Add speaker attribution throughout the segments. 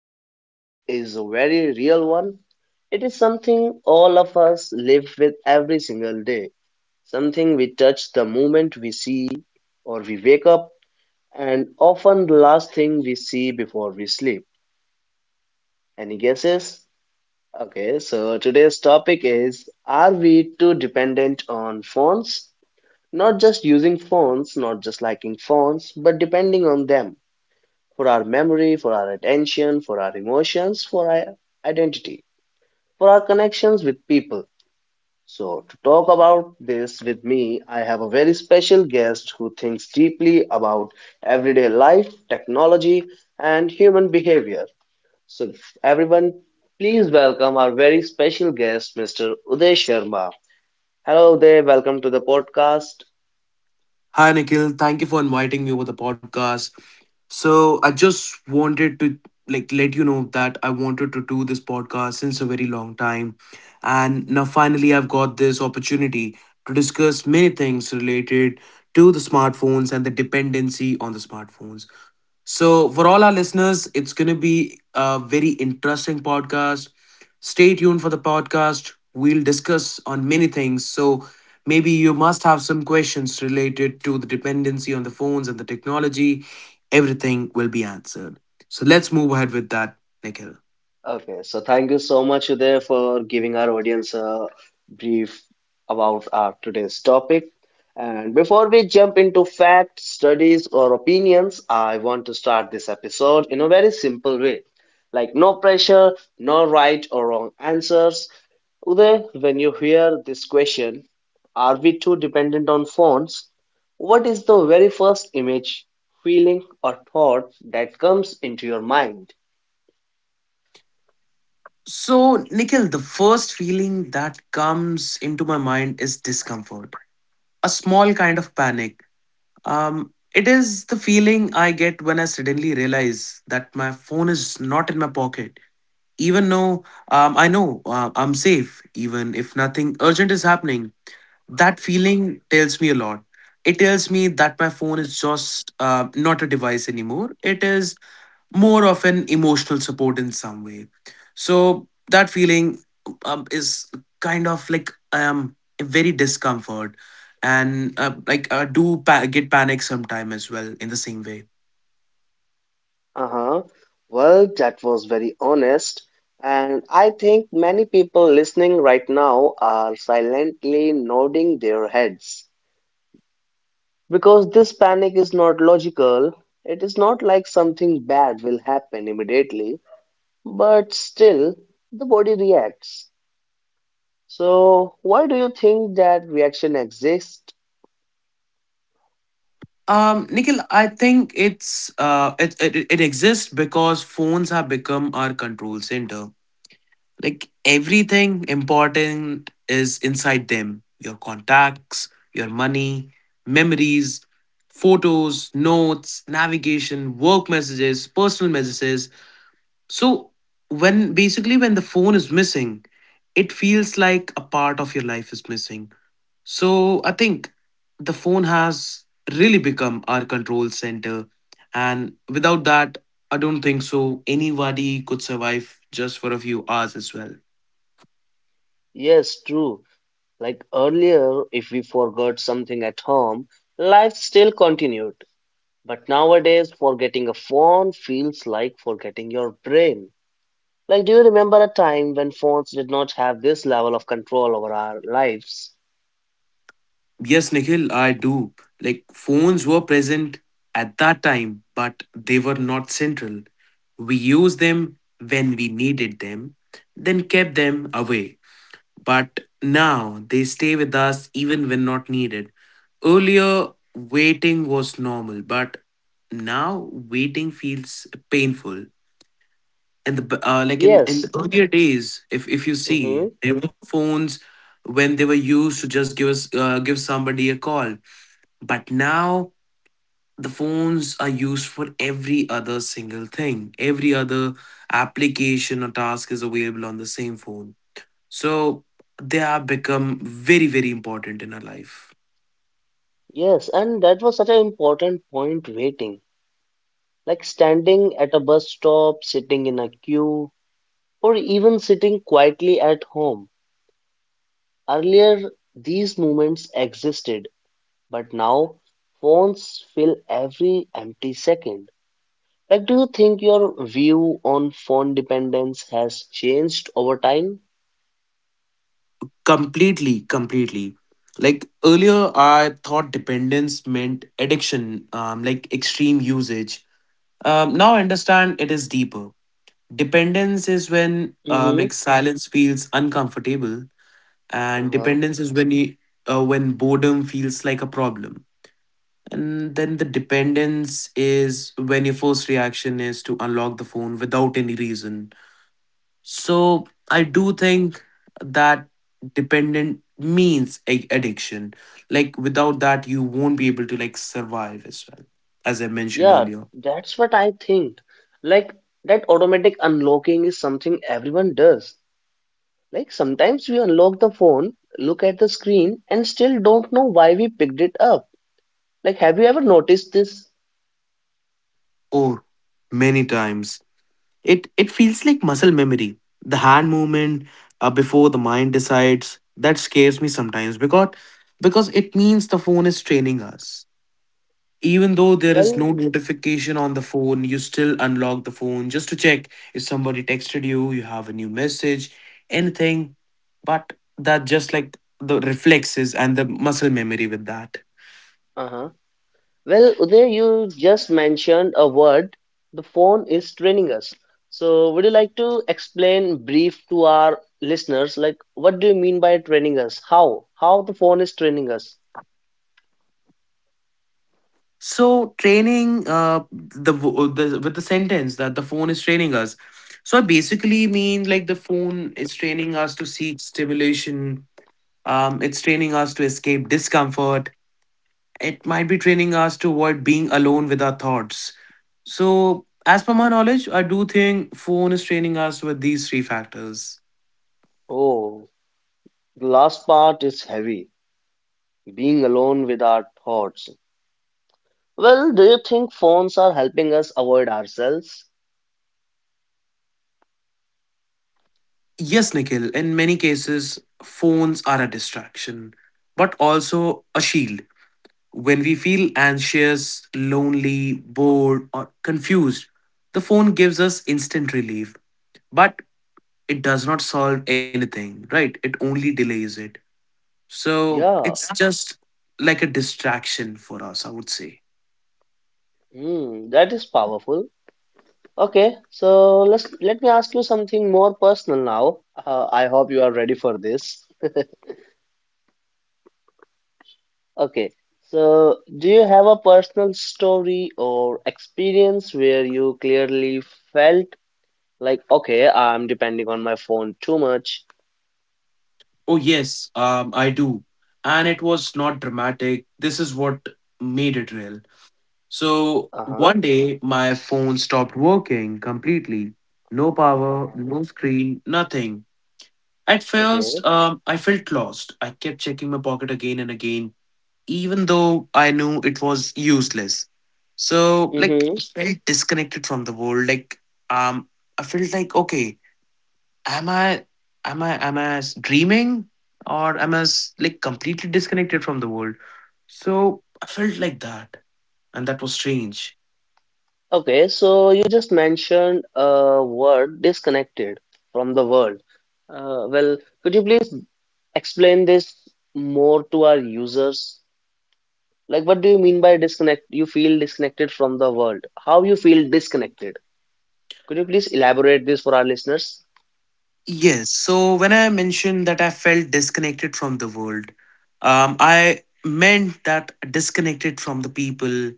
Speaker 1: episode is a very real one. It is something all of us live with every single day, something we touch the moment we see or we wake up, and often the last thing we see before we sleep. Any guesses? Okay, so today's topic is Are we too dependent on phones? Not just using phones, not just liking phones, but depending on them for our memory, for our attention, for our emotions, for our identity, for our connections with people. So, to talk about this with me, I have a very special guest who thinks deeply about everyday life, technology, and human behavior. So, everyone, please welcome our very special guest, Mr. Uday Sharma. Hello, Uday. Welcome to the podcast.
Speaker 2: Hi, Nikhil. Thank you for inviting me over the podcast. So, I just wanted to like let you know that I wanted to do this podcast since a very long time. And now finally I've got this opportunity to discuss many things related to the smartphones and the dependency on the smartphones. So, for all our listeners, it's going to be a very interesting podcast. Stay tuned for the podcast. We'll discuss on many things. So, maybe you must have some questions related to the dependency on the phones and the technology. Everything will be answered. So, let's move ahead with that, Nikhil.
Speaker 1: Okay, so thank you so much, Uday, for giving our audience a brief about our today's topic. And before we jump into facts, studies, or opinions, I want to start this episode in a very simple way. Like no pressure, no right or wrong answers. Uday, when you hear this question, are we too dependent on phones? What is the very first image, feeling, or thought that comes into your mind?
Speaker 2: So, Nikhil, the first feeling that comes into my mind is discomfort, a small kind of panic. It is the feeling I get when I suddenly realize that my phone is not in my pocket. Even though I know I'm safe, even if nothing urgent is happening, that feeling tells me a lot. It tells me that my phone is just not a device anymore. It is more of an emotional support in some way. So that feeling is kind of like very discomfort, and like I do get panic sometime as well in the same way.
Speaker 1: Uh-huh. Well, that was very honest. And I think many people listening right now are silently nodding their heads because this panic is not logical. It is not like something bad will happen immediately, but still the body reacts. So, why do you think that reaction exists?
Speaker 2: Nikhil, I think it's it, it it exists because phones have become our control center. Like everything important is inside them, your contacts, your money, memories, photos, notes, navigation, work messages, personal messages. So, when basically when the phone is missing, it feels like a part of your life is missing. So, I think the phone has really become our control center. And without that, I don't think so anybody could survive just for a few hours as well.
Speaker 1: Yes, true. Like earlier, if we forgot something at home, life still continued. But nowadays, forgetting a phone feels like forgetting your brain. Like, do you remember a time when phones did not have this level of control over our lives?
Speaker 2: Yes, Nikhil, I do. Like phones were present at that time, but they were not central. We used them when we needed them, then kept them away. But now they stay with us even when not needed. Earlier, waiting was normal, but now waiting feels painful. And like in the
Speaker 1: Yes.
Speaker 2: earlier days, if you
Speaker 1: Mm-hmm.
Speaker 2: see, there were phones when they were used to just give us give somebody a call, but now the phones are used for every other single thing. Every other application or task is available on the same phone. So they have become very, very important in our life.
Speaker 1: Yes, and that was such an important point waiting. Like standing at a bus stop, sitting in a queue, or even sitting quietly at home. Earlier, these moments existed, but now phones fill every empty second. Like, do you think your view on phone dependence has changed over time?
Speaker 2: Completely, completely. Like earlier, I thought dependence meant addiction, like extreme usage. Now I understand it is deeper. Dependence is when
Speaker 1: Mm-hmm.
Speaker 2: like silence feels uncomfortable, and
Speaker 1: Uh-huh.
Speaker 2: dependence is when you when boredom feels like a problem, and then the dependence is when your first reaction is to unlock the phone without any reason. So I
Speaker 1: Mhm.
Speaker 2: do think that dependent means addiction, like without that you won't be able to like survive as well, as I mentioned
Speaker 1: Yeah,
Speaker 2: earlier,
Speaker 1: that's what I think. Like, that automatic unlocking is something everyone does. Like, sometimes we unlock the phone, look at the screen, and still don't know why we picked it up. Like, have you ever noticed this?
Speaker 2: or many times. It feels like muscle memory. The hand movement before the mind decides that scares me sometimes, because it means the phone is training us. Even though there is
Speaker 1: Well,
Speaker 2: no notification on the phone, you still unlock the phone just to check if somebody texted you, you have a new message, anything. But that just like the reflexes and the muscle memory with that.
Speaker 1: uh-huh. Well, Uday, you just mentioned a word. The phone is training us. So, would you like to explain brief to our listeners, like what do you mean by training us? How the phone is training us?
Speaker 2: So training the with the sentence that the phone is training us. So I basically mean like the phone is training us to seek stimulation. It's training us to escape discomfort. It might be training us to avoid being alone with our thoughts. So as per my knowledge, I do think phone is training us with these three factors.
Speaker 1: Oh, the last part is heavy. Being alone with our thoughts. Well, do you think phones are helping us avoid ourselves?
Speaker 2: Yes, Nikhil. In many cases, phones are a distraction, but also a shield. When we feel anxious, lonely, bored, or confused, the phone gives us instant relief, but it does not solve anything, right? It only delays it. So
Speaker 1: Yeah,
Speaker 2: it's Yeah. just like a distraction for us, I would say.
Speaker 1: hmm, that is powerful. Okay, so let me ask you something more personal now. I hope you are ready for this. Okay, so do you have a personal story or experience where you clearly felt like, okay, I'm depending on my phone too much?
Speaker 2: Oh, yes, I do. And it was not dramatic. This is what made it real. So
Speaker 1: Uh-huh,
Speaker 2: one day, my phone stopped working completely. No power,
Speaker 1: uh-huh,
Speaker 2: no screen, nothing. At first,
Speaker 1: okay.
Speaker 2: I felt lost. I kept checking my pocket again and again, even though I knew it was useless. So, like,
Speaker 1: Mm-hmm.
Speaker 2: I felt disconnected from the world. Like, um, I felt like, okay, am I, dreaming, or am I like completely disconnected from the world? So I felt like that, and that was strange.
Speaker 1: Okay, so you just mentioned a word disconnected from the world. Well, could you please explain this more to our users? Like, what do you mean by disconnect? You feel disconnected from the world. How you feel disconnected? Could you please elaborate this for our listeners?
Speaker 2: Yes. So when I mentioned that I felt disconnected from the world, I meant that disconnected from the people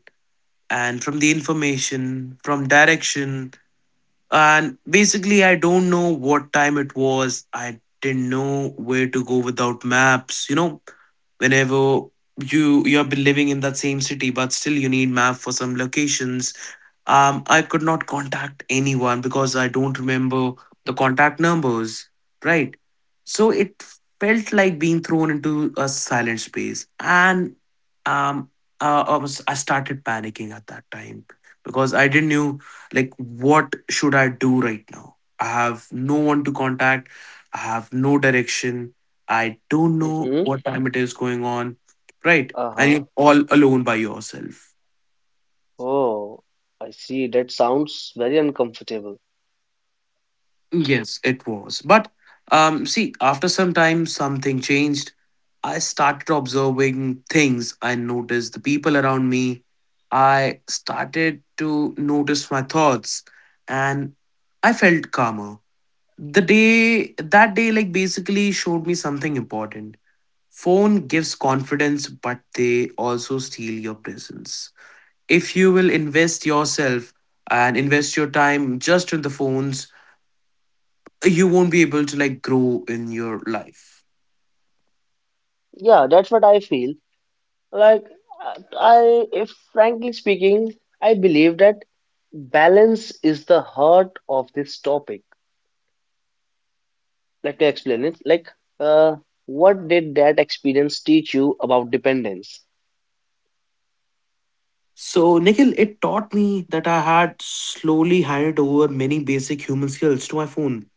Speaker 2: and from the information, from direction. And basically, I don't know what time it was. I didn't know where to go without maps. You know, whenever you have been living in that same city, but still you need map for some locations. I could not contact anyone because I don't remember the contact numbers, right? So it felt like being thrown into a silent space. And um, I started panicking at that time because I didn't know, like, what should I do right now? I have no one to contact. I have no direction. I don't know
Speaker 1: Mm-hmm.
Speaker 2: what time it is going on, right? And
Speaker 1: Uh-huh.
Speaker 2: you're all alone by yourself.
Speaker 1: Oh, I see. That sounds very uncomfortable.
Speaker 2: Yes, it was. But see, after some time, something changed. I started observing things. I noticed the people around me. I started to notice my thoughts and I felt calmer. The day, that day, like basically showed me something important. Phone gives confidence, but they also steal your presence. If you will invest yourself and invest your time just in the phones, you won't be able to like grow in your life.
Speaker 1: Yeah, that's what I feel. Like, if frankly speaking, I believe that balance is the heart of this topic. Let me explain it. Like, uh, what did that experience teach you about dependence?
Speaker 2: So, Nikhil, it taught me that I had slowly handed over many basic human skills to my phone.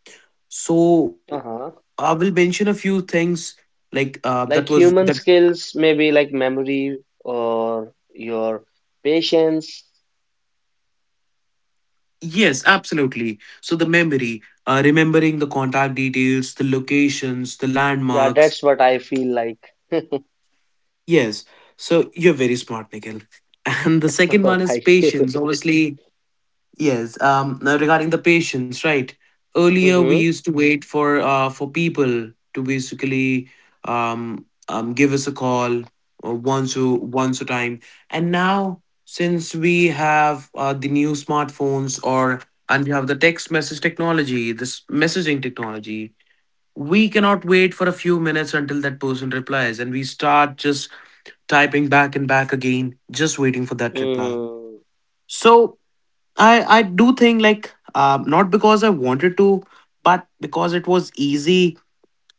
Speaker 2: So,
Speaker 1: Uh-huh.
Speaker 2: I will mention a few things like that
Speaker 1: Like
Speaker 2: was that.
Speaker 1: human skills, maybe like memory or your patience
Speaker 2: Yes, absolutely. So, the memory, remembering the contact details, the locations, the
Speaker 1: Yeah,
Speaker 2: landmarks.
Speaker 1: that's what I feel like.
Speaker 2: Yes. So, you're very smart, Nikhil. And the second one is
Speaker 1: Thank you.
Speaker 2: patience. Obviously, yes, now regarding the patients, right? Earlier, we
Speaker 1: Mm-hmm.
Speaker 2: used to wait for people to basically give us a call or once a time, and now since we have the new smartphones or and we have the text message technology, this messaging technology, we cannot wait for a few minutes until that person replies, and we start just typing back and back again, just waiting for that reply.
Speaker 1: Mm-hmm.
Speaker 2: So I do think like not because I wanted to, but because it was easy.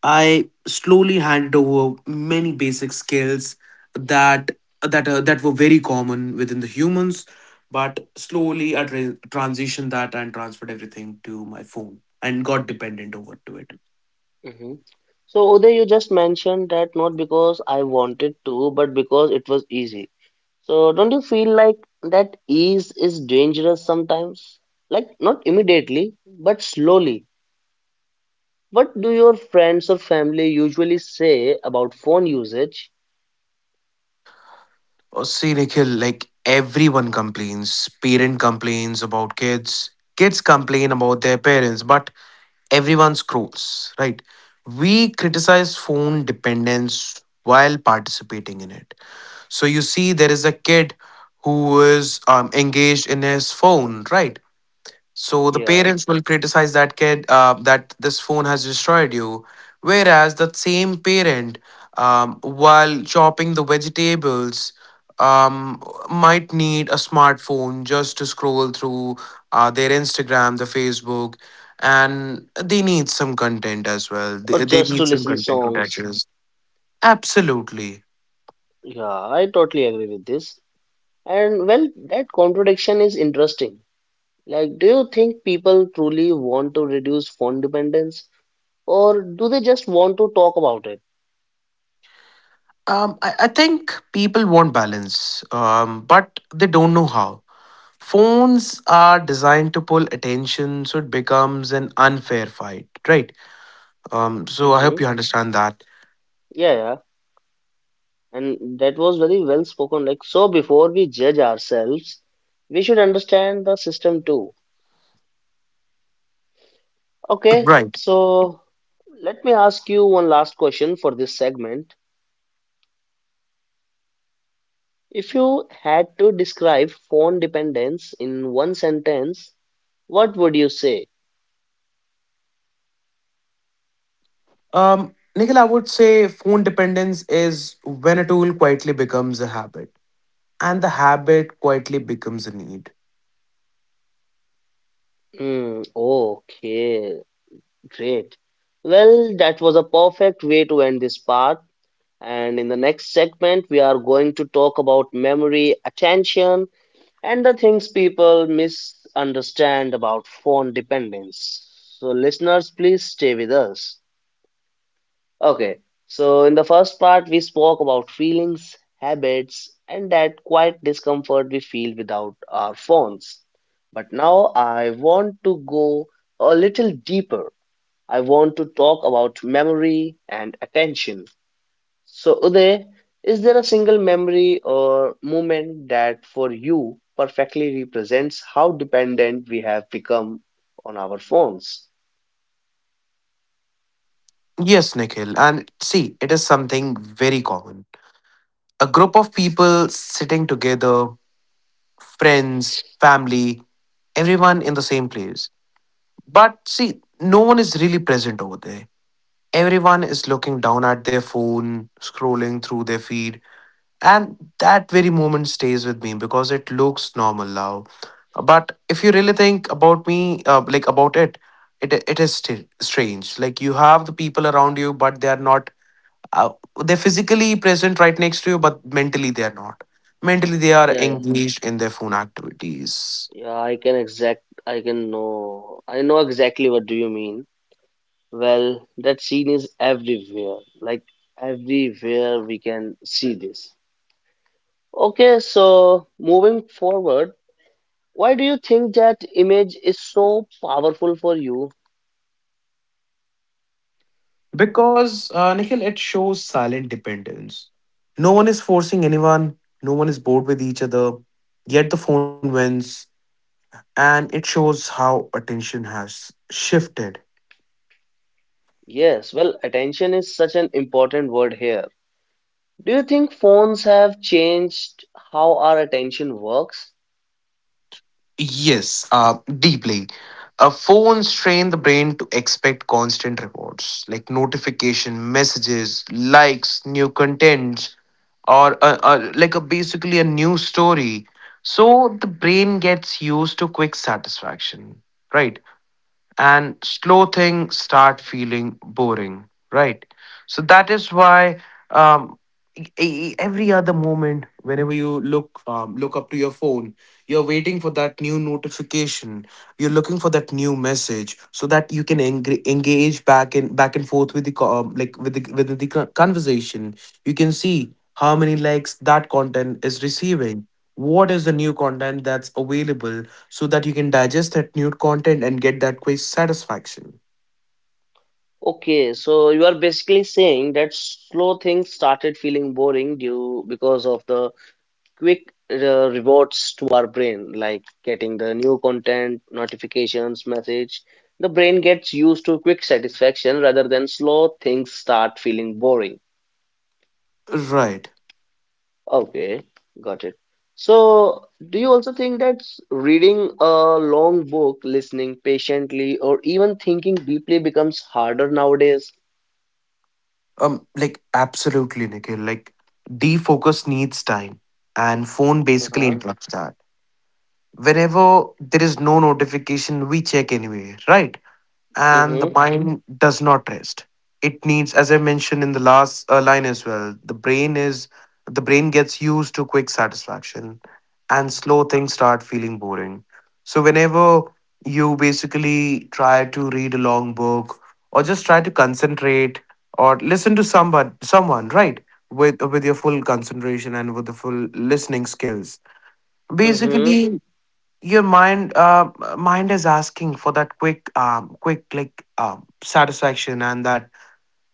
Speaker 2: I slowly handed over many basic skills that that were very common within the humans, but slowly I transitioned that and transferred everything to my phone and got dependent over to it.
Speaker 1: Mm-hmm. So, Uday, you just mentioned that not because I wanted to, but because it was easy. So, don't you feel like that ease is dangerous sometimes? Like, not immediately, but slowly. What do your friends or family usually say about phone usage?
Speaker 2: Oh, see, Nikhil, like everyone complains. Parent complains about kids. Kids complain about their parents. But everyone scrolls, right? We criticize phone dependence while participating in it. So you see, there is a kid who is engaged in his phone, right? So the
Speaker 1: Yeah,
Speaker 2: parents will criticize that kid that this phone has destroyed you. Whereas that same parent, while chopping the vegetables, um, might need a smartphone just to scroll through their Instagram, the Facebook, and they need some content as well.
Speaker 1: or
Speaker 2: They
Speaker 1: just to
Speaker 2: need some
Speaker 1: listen
Speaker 2: content to
Speaker 1: songs?
Speaker 2: digest. Absolutely.
Speaker 1: Yeah, I totally agree with this. And well, that contradiction is interesting Like, do you think people truly want to reduce phone dependence, or do they just want to talk about it?
Speaker 2: I think people want balance, but they don't know how. Phones are designed to pull attention, so it becomes an unfair fight, right? So I
Speaker 1: Mm-hmm.
Speaker 2: hope you understand that.
Speaker 1: Yeah, yeah. and that was very well spoken. Like, so before we judge ourselves, we should understand the system too. Okay,
Speaker 2: Right.
Speaker 1: so let me ask you one last question for this segment. If you had to describe phone dependence in one sentence, what would you say?
Speaker 2: um Nikhil, I would say phone dependence is when a tool quietly becomes a habit, and the habit quietly becomes a need.
Speaker 1: Mm, okay, Great. Well, that was a perfect way to end this part. And in the next segment, we are going to talk about memory, attention, and the things people misunderstand about phone dependence. So, listeners, please stay with us. Okay, so in the first part, we spoke about feelings, habits, and that quiet discomfort we feel without our phones. But now I want to go a little deeper I want to talk about memory and attention. So, Uday, is there a single memory or moment that for you perfectly represents how dependent we have become on our phones?
Speaker 2: Yes, Nikhil, and see it is something very common. A group of people sitting together, friends, family, everyone in the same place, but see, no one is really present over there. Everyone is looking down at their phone, scrolling through their feed, and that very moment stays with me because it looks normal now. But if you really think about me, like about it, it it is strange. Like you have the people around you, but they are not. Uh, they're physically present right next to you, but mentally they are not. Mentally, they are
Speaker 1: Yeah, yeah,
Speaker 2: engaged in their phone activities.
Speaker 1: yeah. I can exact. I can know. I know exactly what do you mean. Well, that scene is everywhere. Like everywhere we can see this. Okay, so moving forward. Why do you think that image is so powerful for you?
Speaker 2: Because, Nikhil, it shows silent dependence. No one is forcing anyone, no one is bored with each other, yet the phone wins, and it shows how attention has shifted.
Speaker 1: Yes, well, attention is such an important word here. Do you think phones have changed how our attention works?
Speaker 2: Yes, deeply. Phones train the brain to expect constant rewards like notification, messages, likes, new contents, or like a basically a new story. So the brain gets used to quick satisfaction, right? And slow things start feeling boring, right? So that is why, um, every other moment whenever you look look up to your phone, you're waiting for that new notification, you're looking for that new message so that you can engage back and back and forth with the conversation. You can see how many likes that content is receiving, what is the new content that's available, so that you can digest that new content and get that quiz satisfaction.
Speaker 1: Okay, so you are basically saying that slow things started feeling boring due because of the quick rewards to our brain, like getting the new content, notifications, message. The brain gets used to quick satisfaction rather than slow things start feeling boring.
Speaker 2: Right.
Speaker 1: Okay, got it. So, do you also think that reading a long book, listening patiently, or even thinking deeply becomes harder nowadays?
Speaker 2: Like absolutely, Nikhil. Like defocus needs time, and phone basically
Speaker 1: Uh-huh.
Speaker 2: interrupts that. Whenever there is no notification, we check anyway, right? And the
Speaker 1: Mm-hmm.
Speaker 2: mind does not rest. It needs, as I mentioned in the last line as well, the brain gets used to quick satisfaction and slow things start feeling boring. So whenever you basically try to read a long book or just try to concentrate or listen to somebody someone, right, with your full concentration and with the full listening skills
Speaker 1: Mm-hmm.
Speaker 2: basically, your mind is asking for that quick satisfaction, and that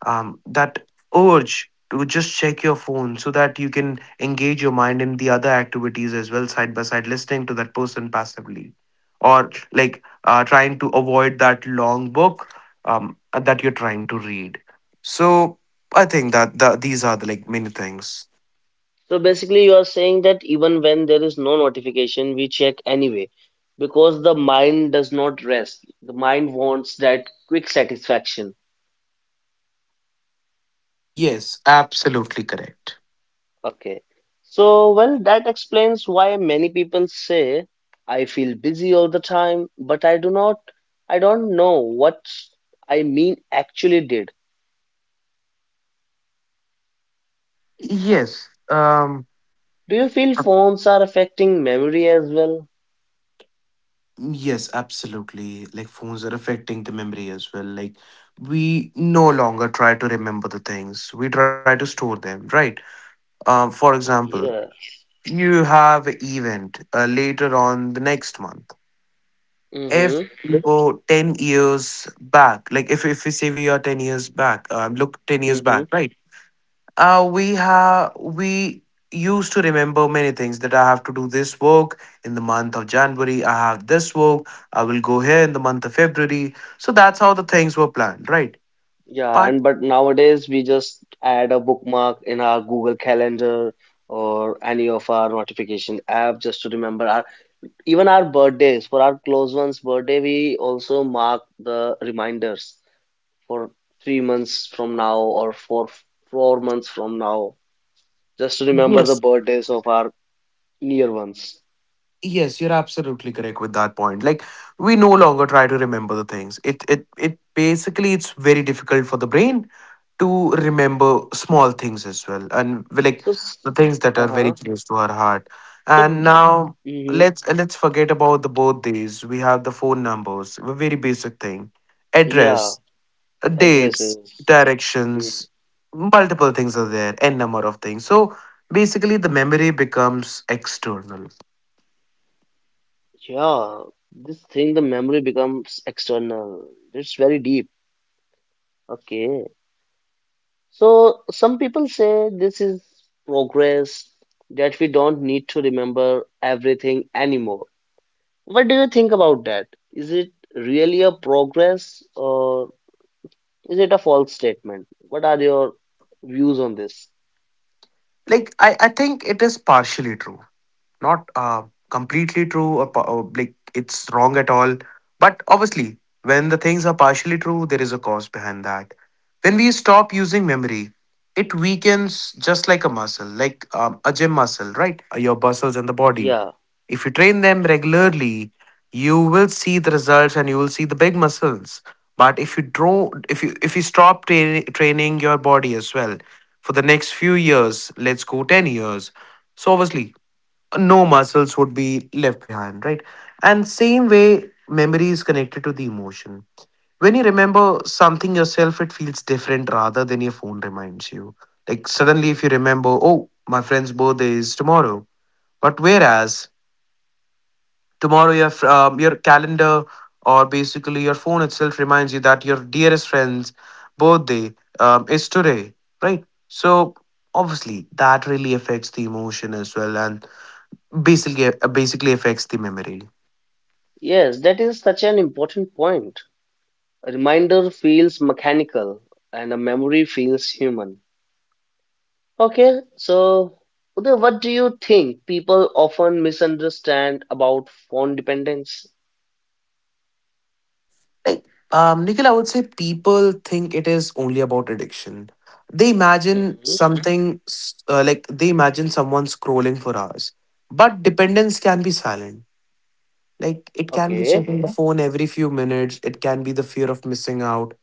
Speaker 2: um, that urge to just check your phone so that you can engage your mind in the other activities as well, side by side listening to that person passively, or like trying to avoid that long book that you're trying to read. So I think that these are the like many things.
Speaker 1: So basically, you are saying that even when there is no notification, we check anyway, because the mind does not rest. The mind wants that quick satisfaction.
Speaker 2: Yes, absolutely correct.
Speaker 1: Okay. So, well, that explains why many people say I feel busy all the time, but I do not, I don't know what I mean actually did.
Speaker 2: Yes,
Speaker 1: Do you feel phones are affecting memory as well?
Speaker 2: yes, absolutely. Like phones are affecting the memory as well. Like we no longer try to remember the things. We try to store them, right? For example,
Speaker 1: Yes.
Speaker 2: you have an event later on the next month. If
Speaker 1: Mm-hmm.
Speaker 2: you go 10 years back, like if we say we are 10 years back, look 10 years
Speaker 1: Mm-hmm.
Speaker 2: back, right? We used to remember many things, that I have to do this work in the month of January. I have this work. I will go here in the month of February. So that's how the things were planned, right?
Speaker 1: Yeah,
Speaker 2: But
Speaker 1: and but nowadays we just add a bookmark in our Google Calendar or any of our notification app just to remember our even our birthdays. For our close ones' birthday, we also mark the reminders. For 3 months from now or for 4 months from now, just to remember the
Speaker 2: yes,
Speaker 1: birthdays of our near ones.
Speaker 2: yes, you're absolutely correct with that point. Like we no longer try to remember the things. It's very difficult for the brain to remember small things as well, and
Speaker 1: So, s-
Speaker 2: the things that are very
Speaker 1: uh-huh.
Speaker 2: close to her heart,
Speaker 1: So,
Speaker 2: and now
Speaker 1: mm-hmm.
Speaker 2: let's forget about the both. These, we have the phone numbers, a very basic thing,
Speaker 1: Yeah,
Speaker 2: address, dates,
Speaker 1: addresses. the-
Speaker 2: directions, multiple things are there, n number of things. So basically the memory becomes external.
Speaker 1: Yeah, this thing, the memory becomes external. It's very deep. Okay. So, some people say this is progress, that we don't need to remember everything anymore. What do you think about that? Is it really a progress or is it a false statement? What are your views on this?
Speaker 2: Like I think it is partially true, not completely true, or like it's wrong at all. But obviously, when the things are partially true, there is a cause behind that. When we stop using memory, it weakens just like a muscle, like a gym muscle, right? Your muscles and the body.
Speaker 1: Yeah,
Speaker 2: If you train them regularly, you will see the results and you will see the big muscles. But if you stop training your body as well for the next few years, let's go 10 years, so obviously no muscles would be left behind, right. And same way memory is connected to the emotion. When you remember something yourself, it feels different rather than your phone reminds you. Like suddenly if you remember, oh, my friend's birthday is tomorrow, but whereas tomorrow your calendar or basically your phone itself reminds you that your dearest friend's birthday is today, right? So obviously that really affects the emotion as well, and basically affects the memory.
Speaker 1: Yes, that is such an important point. A reminder feels mechanical and a memory feels human. Okay, so Uday, what do you think people often misunderstand about phone dependence?
Speaker 2: like Nikhil, I would say people think it is only about addiction. They imagine
Speaker 1: Hmm
Speaker 2: something s- like they imagine someone scrolling for hours. But dependence can be silent. Like it can be
Speaker 1: Okay,
Speaker 2: checking the phone every few minutes, it can be the fear of missing out,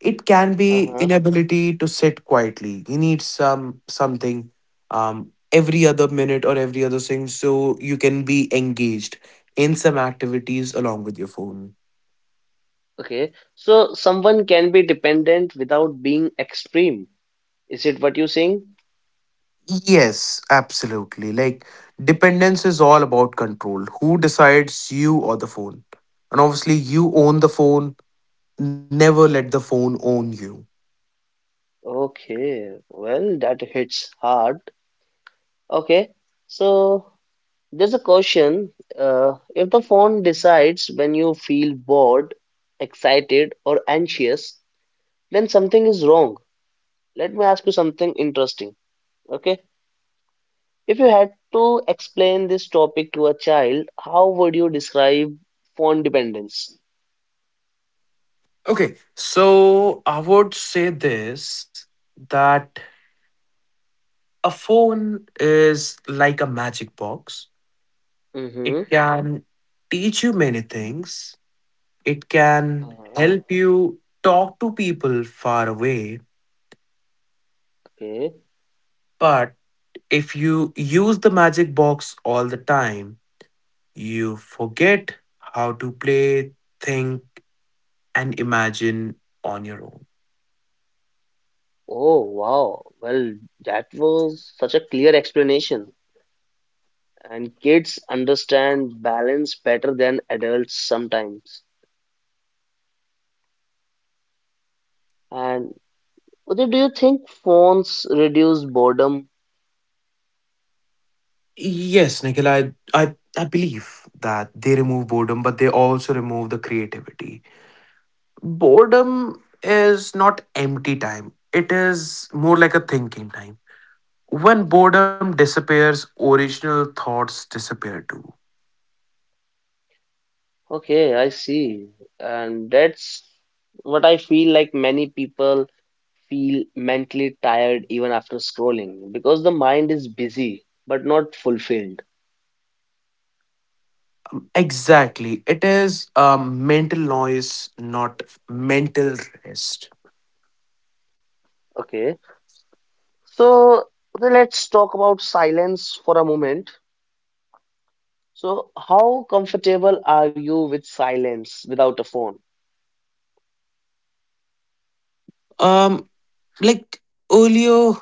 Speaker 2: it can be
Speaker 1: uh-huh,
Speaker 2: inability to sit quietly. You need something every other minute or every other thing, so you can be engaged in some activities along with your phone.
Speaker 1: okay. So someone can be dependent without being extreme. Is it what you sing?
Speaker 2: Yes, absolutely. Like dependence is all about control, who decides, you or the phone? And obviously you own the phone, never let the phone own you.
Speaker 1: Okay, well, that hits hard. Okay, so there's a question. If the phone decides when you feel bored, excited, or anxious, then something is wrong. Let me ask you something interesting. Okay, if you had to explain this topic to a child, how would you describe phone dependence?
Speaker 2: Okay, so I would say this, that a phone is like a magic box. It
Speaker 1: Mm-hmm.
Speaker 2: Can teach you many things. It can
Speaker 1: Uh-huh.
Speaker 2: help you talk to people far away.
Speaker 1: Okay.
Speaker 2: But if you use the magic box all the time, you forget how to play, think, and imagine on your own.
Speaker 1: Oh, wow. Well, that was such a clear explanation. And kids understand balance better than adults sometimes. And Udit, do you think phones reduce boredom?
Speaker 2: Yes, Nikhil, I believe that they remove boredom, but they also remove the creativity. Boredom is not empty time, it is more like a thinking time. When boredom disappears, original thoughts disappear too.
Speaker 1: Okay, I see. And that's what I feel like many people feel mentally tired even after scrolling because the mind is busy but not fulfilled.
Speaker 2: Exactly, it is mental noise, not mental rest.
Speaker 1: Okay, so then let's talk about silence for a moment. So, how comfortable are you with silence without a phone?
Speaker 2: um like Earlier,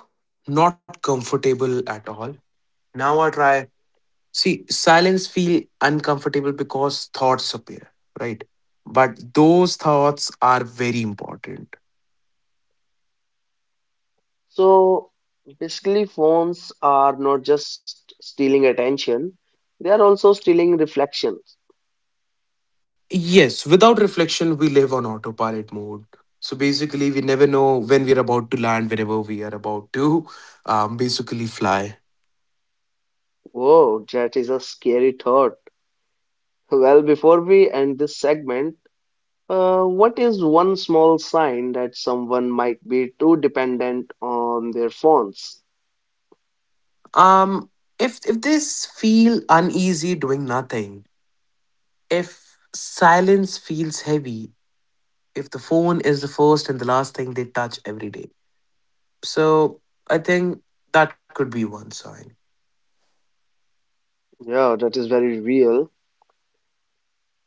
Speaker 2: not comfortable at all. Now I try. See, silence feel uncomfortable because thoughts appear, right? But those thoughts are very important.
Speaker 1: So basically, phones are not just stealing attention, they are also stealing reflections.
Speaker 2: Yes, without reflection, we live on autopilot mode. So basically, we never know when we are about to land, whenever we are about to basically fly.
Speaker 1: Whoa, that is a scary thought. Well, before we end this segment, what is one small sign that someone might be too dependent on their phones?
Speaker 2: Um, if this feel uneasy doing nothing, if silence feels heavy, if the phone is the first and the last thing they touch every day, so I think that could be one sign.
Speaker 1: Yeah, that is very real.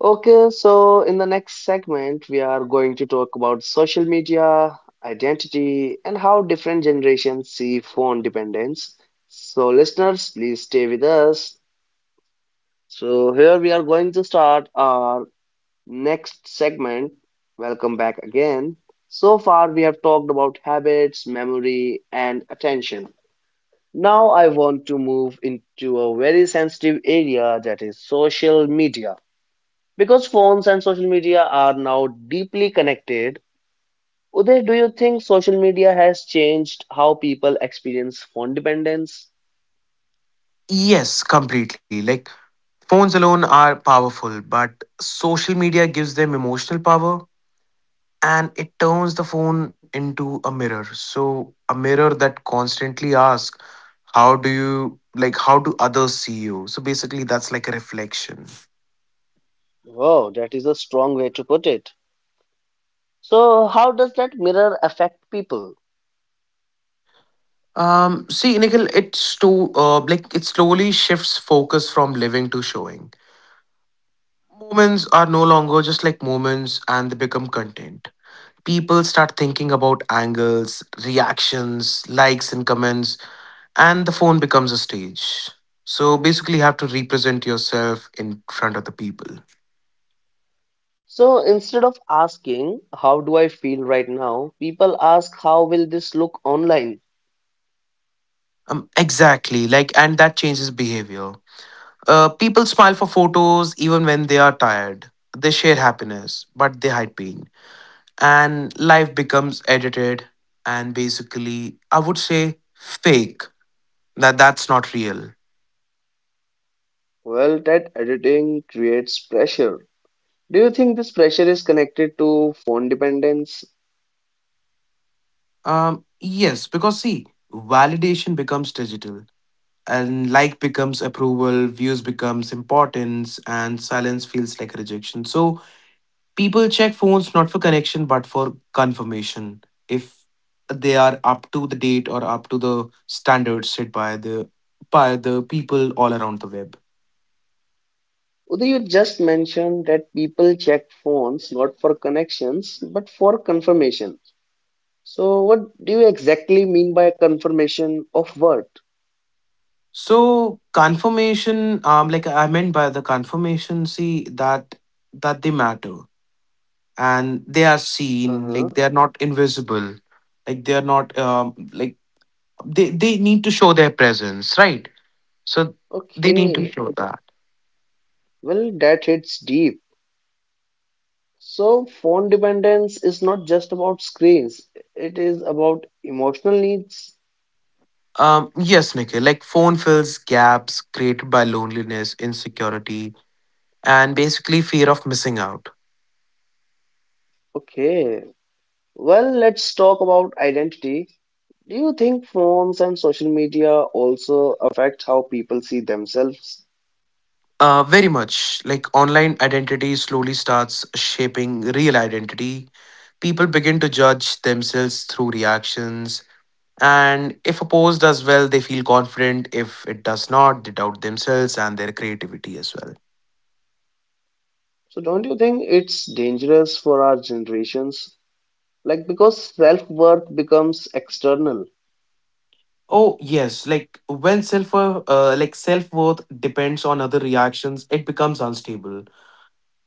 Speaker 1: Okay, so in the next segment, we are going to talk about social media, identity, and how different generations see phone dependence. So, listeners, please stay with us. So, here we are going to start our next segment. Welcome back again. So far, we have talked about habits, memory, and attention. Now, I want to move into a very sensitive area that is social media. Because phones and social media are now deeply connected, Uday, do you think social media has changed how people experience phone dependence?
Speaker 2: Yes, completely. Like phones alone are powerful, but social media gives them emotional power, and it turns the phone into a mirror. So, a mirror that constantly asks, how do others see you? So, basically, that's like a reflection.
Speaker 1: Wow, that is a strong way to put it. So, how does that mirror affect people?
Speaker 2: See, Nikhil, it sto- like it slowly shifts focus from living to showing. Moments are no longer just like moments, and they become content. People start thinking about angles, reactions, likes, and comments, and the phone becomes a stage. So basically, you have to represent yourself in front of the people.
Speaker 1: So, instead of asking, How do I feel right now? People ask, How will this look online?
Speaker 2: Exactly, like, and that changes behavior. People smile for photos even when they are tired. They share happiness, but they hide pain. And life becomes edited and basically, I would say, fake. That's not real.
Speaker 1: Well, that editing creates pressure. Do you think this pressure is connected to phone dependence?
Speaker 2: Yes, because see, validation becomes digital, and like becomes approval, views becomes importance, and silence feels like rejection. So people check phones not for connection but for confirmation if they are up to the date or up to the standards set by the people all around the web.
Speaker 1: Uday, you just mentioned that people checked phones not for connections but for confirmation. So, what do you exactly mean by confirmation of what?
Speaker 2: So confirmation, like I meant by the confirmation, see that they matter and they are seen,
Speaker 1: Uh-huh.
Speaker 2: like they are not invisible, like they are not like they need to show their presence, right? So they need to
Speaker 1: Okay,
Speaker 2: show that.
Speaker 1: well, that hits deep. So, phone dependence is not just about screens, it is about emotional needs.
Speaker 2: Yes, Nikhil, like phone fills gaps created by loneliness, insecurity, and basically fear of missing out.
Speaker 1: Okay, well, let's talk about identity. Do you think phones and social media also affect how people see themselves?
Speaker 2: Very much. Like online identity slowly starts shaping real identity. People begin to judge themselves through reactions. And if a pose does well, they feel confident. If it does not, they doubt themselves and their creativity as well.
Speaker 1: So don't you think it's dangerous for our generations? Like because self-worth becomes external.
Speaker 2: Oh yes, like when self worth depends on other reactions, it becomes unstable.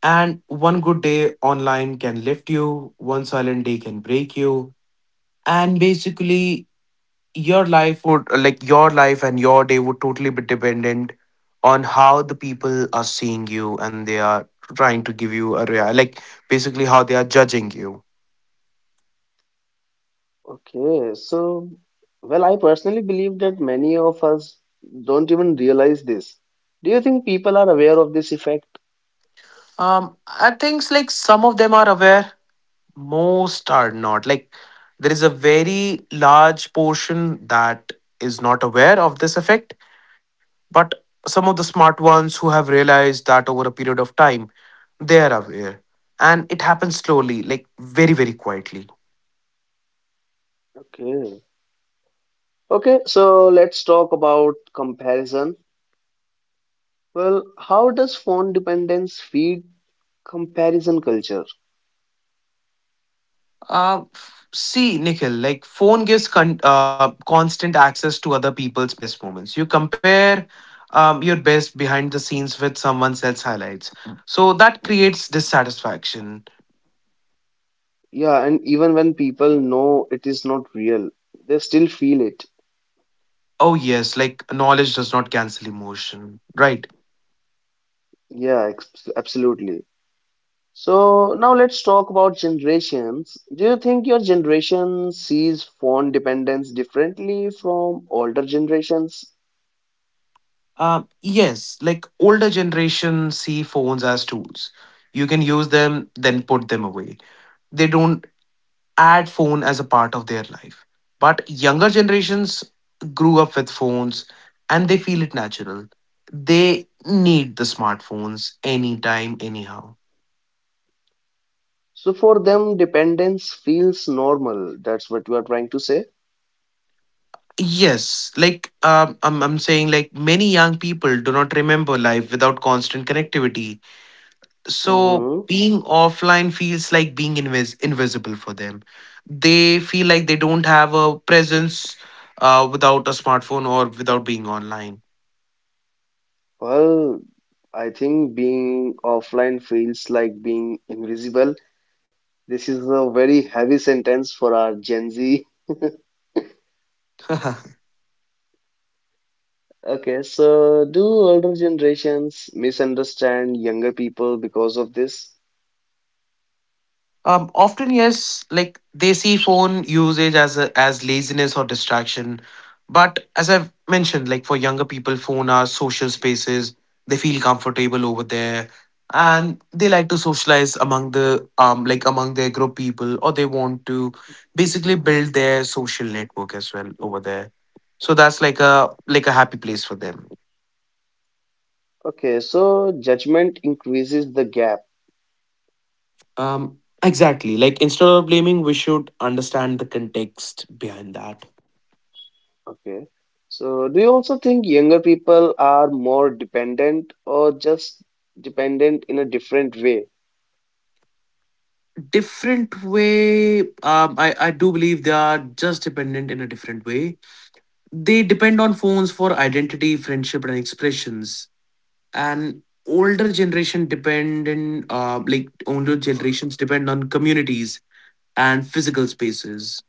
Speaker 2: And one good day online can lift you, one silent day can break you, and basically your life and your day would totally be dependent on how the people are seeing you, and they are trying to give you a rea- like basically how they are judging you.
Speaker 1: Okay, so well, I personally believe that many of us don't even realize this. Do you think people are aware of this effect?
Speaker 2: I think like some of them are aware, most are not. Like there is a very large portion that is not aware of this effect, but some of the smart ones who have realized that over a period of time, they are aware. And it happens slowly, like very, very quietly.
Speaker 1: Okay. Okay, so let's talk about comparison. Well, how does phone dependence feed comparison culture?
Speaker 2: See, Nikhil, like phone gives constant access to other people's best moments. You compare your best behind the scenes with someone else's highlights. So that creates dissatisfaction.
Speaker 1: Yeah, and even when people know it is not real, they still feel it.
Speaker 2: Oh, yes, like knowledge does not cancel emotion, right?
Speaker 1: Yeah, absolutely. So now let's talk about generations. Do you think your generation sees phone dependence differently from older generations?
Speaker 2: Yes, like older generation see phones as tools. You can use them, then put them away. They don't add phone as a part of their life, but younger generations grew up with phones and they feel it natural. They need the smartphones anytime anyhow.
Speaker 1: So for them, dependence feels normal. That's what you are trying to say.
Speaker 2: Yes, like I'm saying like many young people do not remember life without constant connectivity, so
Speaker 1: Hmm.
Speaker 2: being offline feels like being invisible for them. They feel like they don't have a presence, without a smartphone or without being online.
Speaker 1: Well, I think being offline feels like being invisible. This is a very heavy sentence for our Gen Z. Okay, so do older generations misunderstand younger people because of this?
Speaker 2: Often, yes, like they see phone usage as as laziness or distraction. But as I've mentioned, like for younger people, phone are social spaces. They feel comfortable over there, and they like to socialize among their group people, or they want to basically build their social network as well over there. So that's like a happy place for them.
Speaker 1: Okay, so judgment increases the gap.
Speaker 2: Um, exactly. Like instead of blaming, we should understand the context behind that.
Speaker 1: Okay. So do you also think younger people are more dependent or just dependent in a different way?
Speaker 2: Different way. I do believe they are just dependent in a different way. They depend on phones for identity, friendship, and expressions. And older generation depend in older generations depend on communities and physical spaces.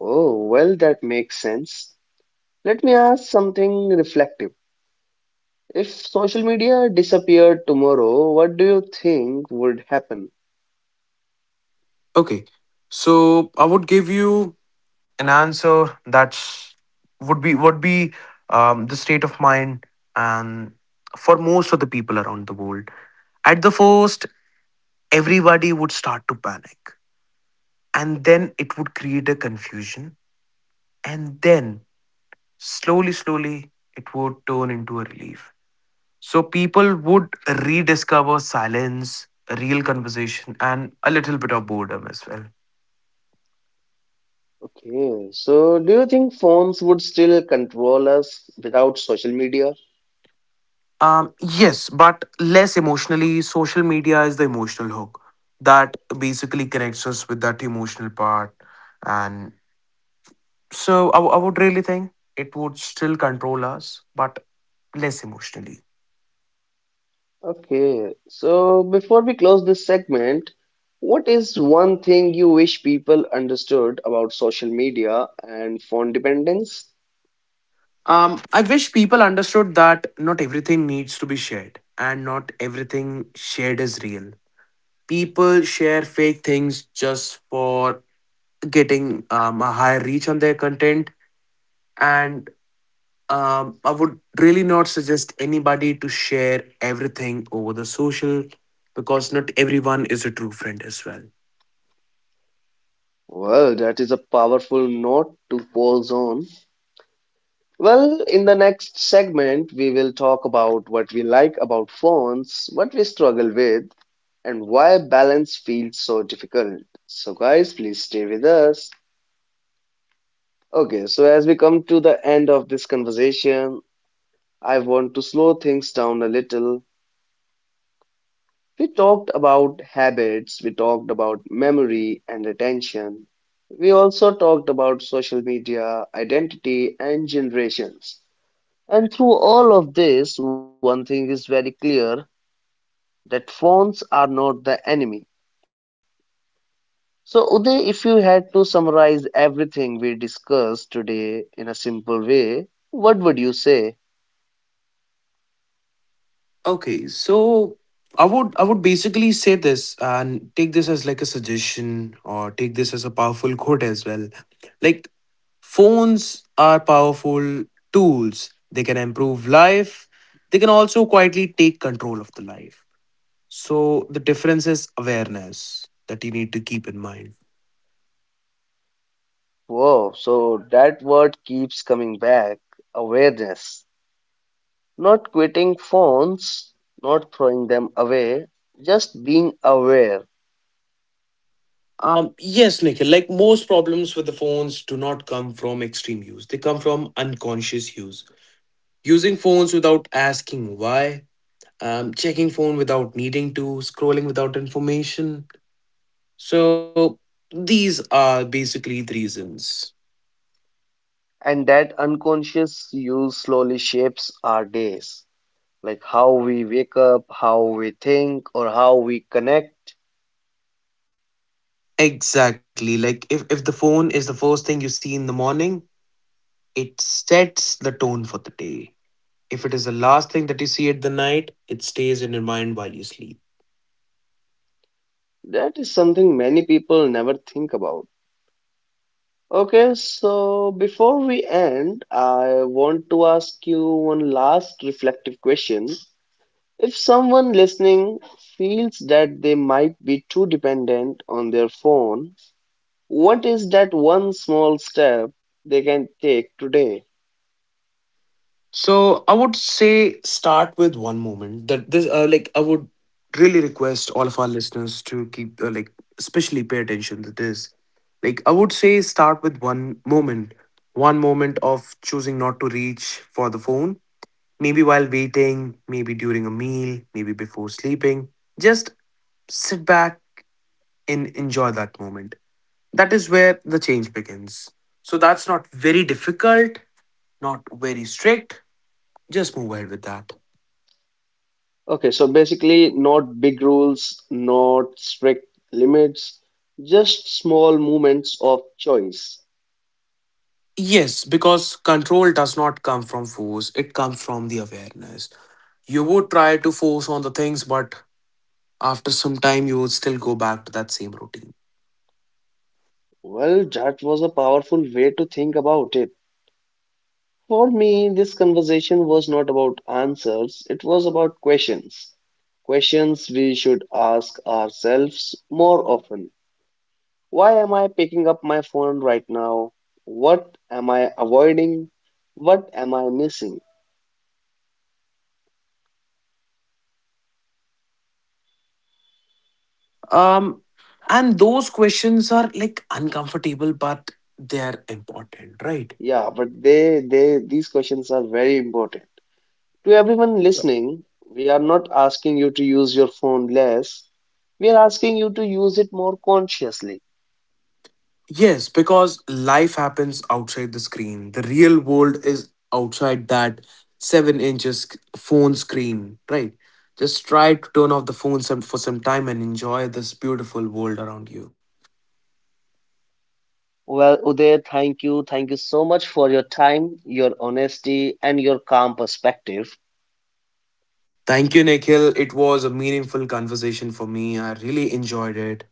Speaker 1: Oh, well, that makes sense. Let me ask something reflective. If social media disappeared tomorrow, what do you think would happen?
Speaker 2: Okay, so I would give you an answer that's would be the state of mind and for most of the people around the world. At the first, everybody would start to panic. And then it would create a confusion. And then slowly, slowly, it would turn into a relief. So people would rediscover silence, real conversation, and a little bit of boredom as well.
Speaker 1: Okay, so do you think phones would still control us without social media?
Speaker 2: Yes, but less emotionally. Social media is the emotional hook that basically connects us with that emotional part. And so I would really think it would still control us, but less emotionally.
Speaker 1: Okay, so before we close this segment, what is one thing you wish people understood about social media and phone dependence?
Speaker 2: I wish people understood that not everything needs to be shared, and not everything shared is real. People share fake things just for getting a higher reach on their content, and I would really not suggest anybody to share everything over the social, because not everyone is a true friend as well.
Speaker 1: Well, that is a powerful note to pause on. Well, in the next segment, we will talk about what we like about phones, what we struggle with, and why balance feels so difficult. So, guys, please stay with us. Okay, so as we come to the end of this conversation, I want to slow things down a little. We talked about habits, we talked about memory and attention. We also talked about social media, identity, and generations. And through all of this, one thing is very clear that phones are not the enemy. So, Uday, if you had to summarize everything we discussed today in a simple way, what would you say?
Speaker 2: Okay, so I would basically say this and take this as like a suggestion, or take this as a powerful quote as well. Like, phones are powerful tools. They can improve life. They can also quietly take control of the life. So the difference is awareness that you need to keep in mind.
Speaker 1: Whoa, so that word keeps coming back: awareness. Not quitting phones, not throwing them away, just being aware.
Speaker 2: Yes, Nikhil, like most problems with the phones do not come from extreme use. They come from unconscious use. Using phones without asking why, checking phone without needing to, scrolling without information. So these are basically the reasons.
Speaker 1: And that unconscious use slowly shapes our days. Like how we wake up, how we think, or how we connect.
Speaker 2: Exactly. Like if the phone is the first thing you see in the morning, it sets the tone for the day. If it is the last thing that you see at the night, it stays in your mind while you sleep.
Speaker 1: That is something many people never think about. Okay, so before we end, I want to ask you one last reflective question. If someone listening feels that they might be too dependent on their phone, what is that one small step they can take today?
Speaker 2: So I would say start with one moment that this I would really request all of our listeners to keep especially pay attention to this. Like I would say start with one moment of choosing not to reach for the phone, maybe while waiting, maybe during a meal, maybe before sleeping. Just sit back and enjoy that moment. That is where the change begins. So that's not very difficult, not very strict. Just move ahead with that.
Speaker 1: Okay, so basically, not big rules, not strict limits, just small moments of choice.
Speaker 2: Yes, because control does not come from force, it comes from the awareness. You would try to force on the things, but after some time, you would still go back to that same routine.
Speaker 1: Well, that was a powerful way to think about it. For me, this conversation was not about answers, it was about questions. Questions we should ask ourselves more often. Why am I picking up my phone right now? What am I avoiding? What am I missing?
Speaker 2: Um, and those questions are like uncomfortable, but they're important, right?
Speaker 1: Yeah, but these questions are very important. To everyone listening, we are not asking you to use your phone less. We are asking you to use it more consciously.
Speaker 2: Yes, because life happens outside the screen. The real world is outside that 7 inches phone screen, right? Just try to turn off the phone for some time and enjoy this beautiful world around you.
Speaker 1: Well, Uday, thank you. Thank you so much for your time, your honesty, and your calm perspective.
Speaker 2: Thank you, Nikhil. It was a meaningful conversation for me. I really enjoyed it.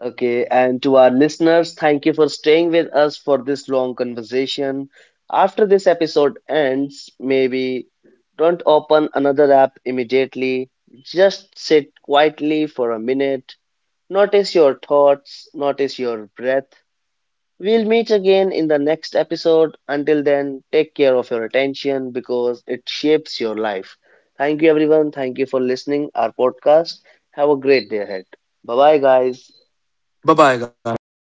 Speaker 1: Okay, and to our listeners, thank you for staying with us for this long conversation. After this episode ends, maybe don't open another app immediately. Just sit quietly for a minute. Notice your thoughts, notice your breath. We'll meet again in the next episode. Until then, take care of your attention because it shapes your life. Thank you, everyone. Thank you for listening our podcast. Have a great day ahead. Bye bye, guys.
Speaker 2: Bye bye, guys. Thank you